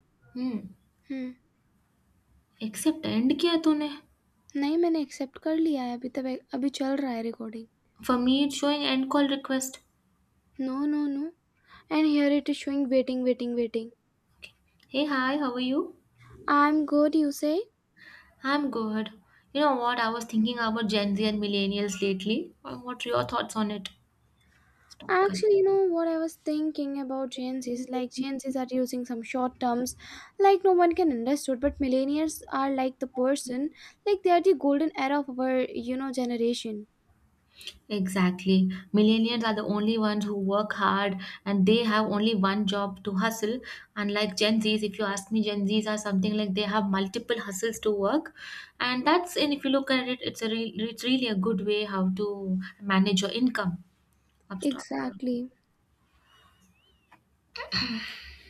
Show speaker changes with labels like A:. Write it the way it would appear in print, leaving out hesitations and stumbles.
A: Hmm.
B: हुँ।
A: Except end किया तूने?
B: नहीं, मैंने एक्सेप्ट कर लिया है, अभी तब ए अभी चल रहा है recording.
A: For me, it's showing end call request.
B: No, no, no and here it is showing waiting, waiting, waiting.
A: Hey, hi, how are you?
B: I'm good, you say?
A: I'm good. You know what? I was thinking about Gen Z and millennials lately. What are your thoughts on it? Stop. Cut.
B: Actually, you know what, I was thinking about Gen Zs. Like, Gen Zs are using some short terms, like no one can understood, but millennials are like the person, like they are the golden era of our, you know, generation.
A: Exactly. Millennials are the only ones who work hard and they have only one job to hustle. Unlike Gen Zs, if you ask me, Gen Zs are something like they have multiple hustles to work. And if you look at it, it's, it's really a good way how to manage your income. Stop.
B: Exactly.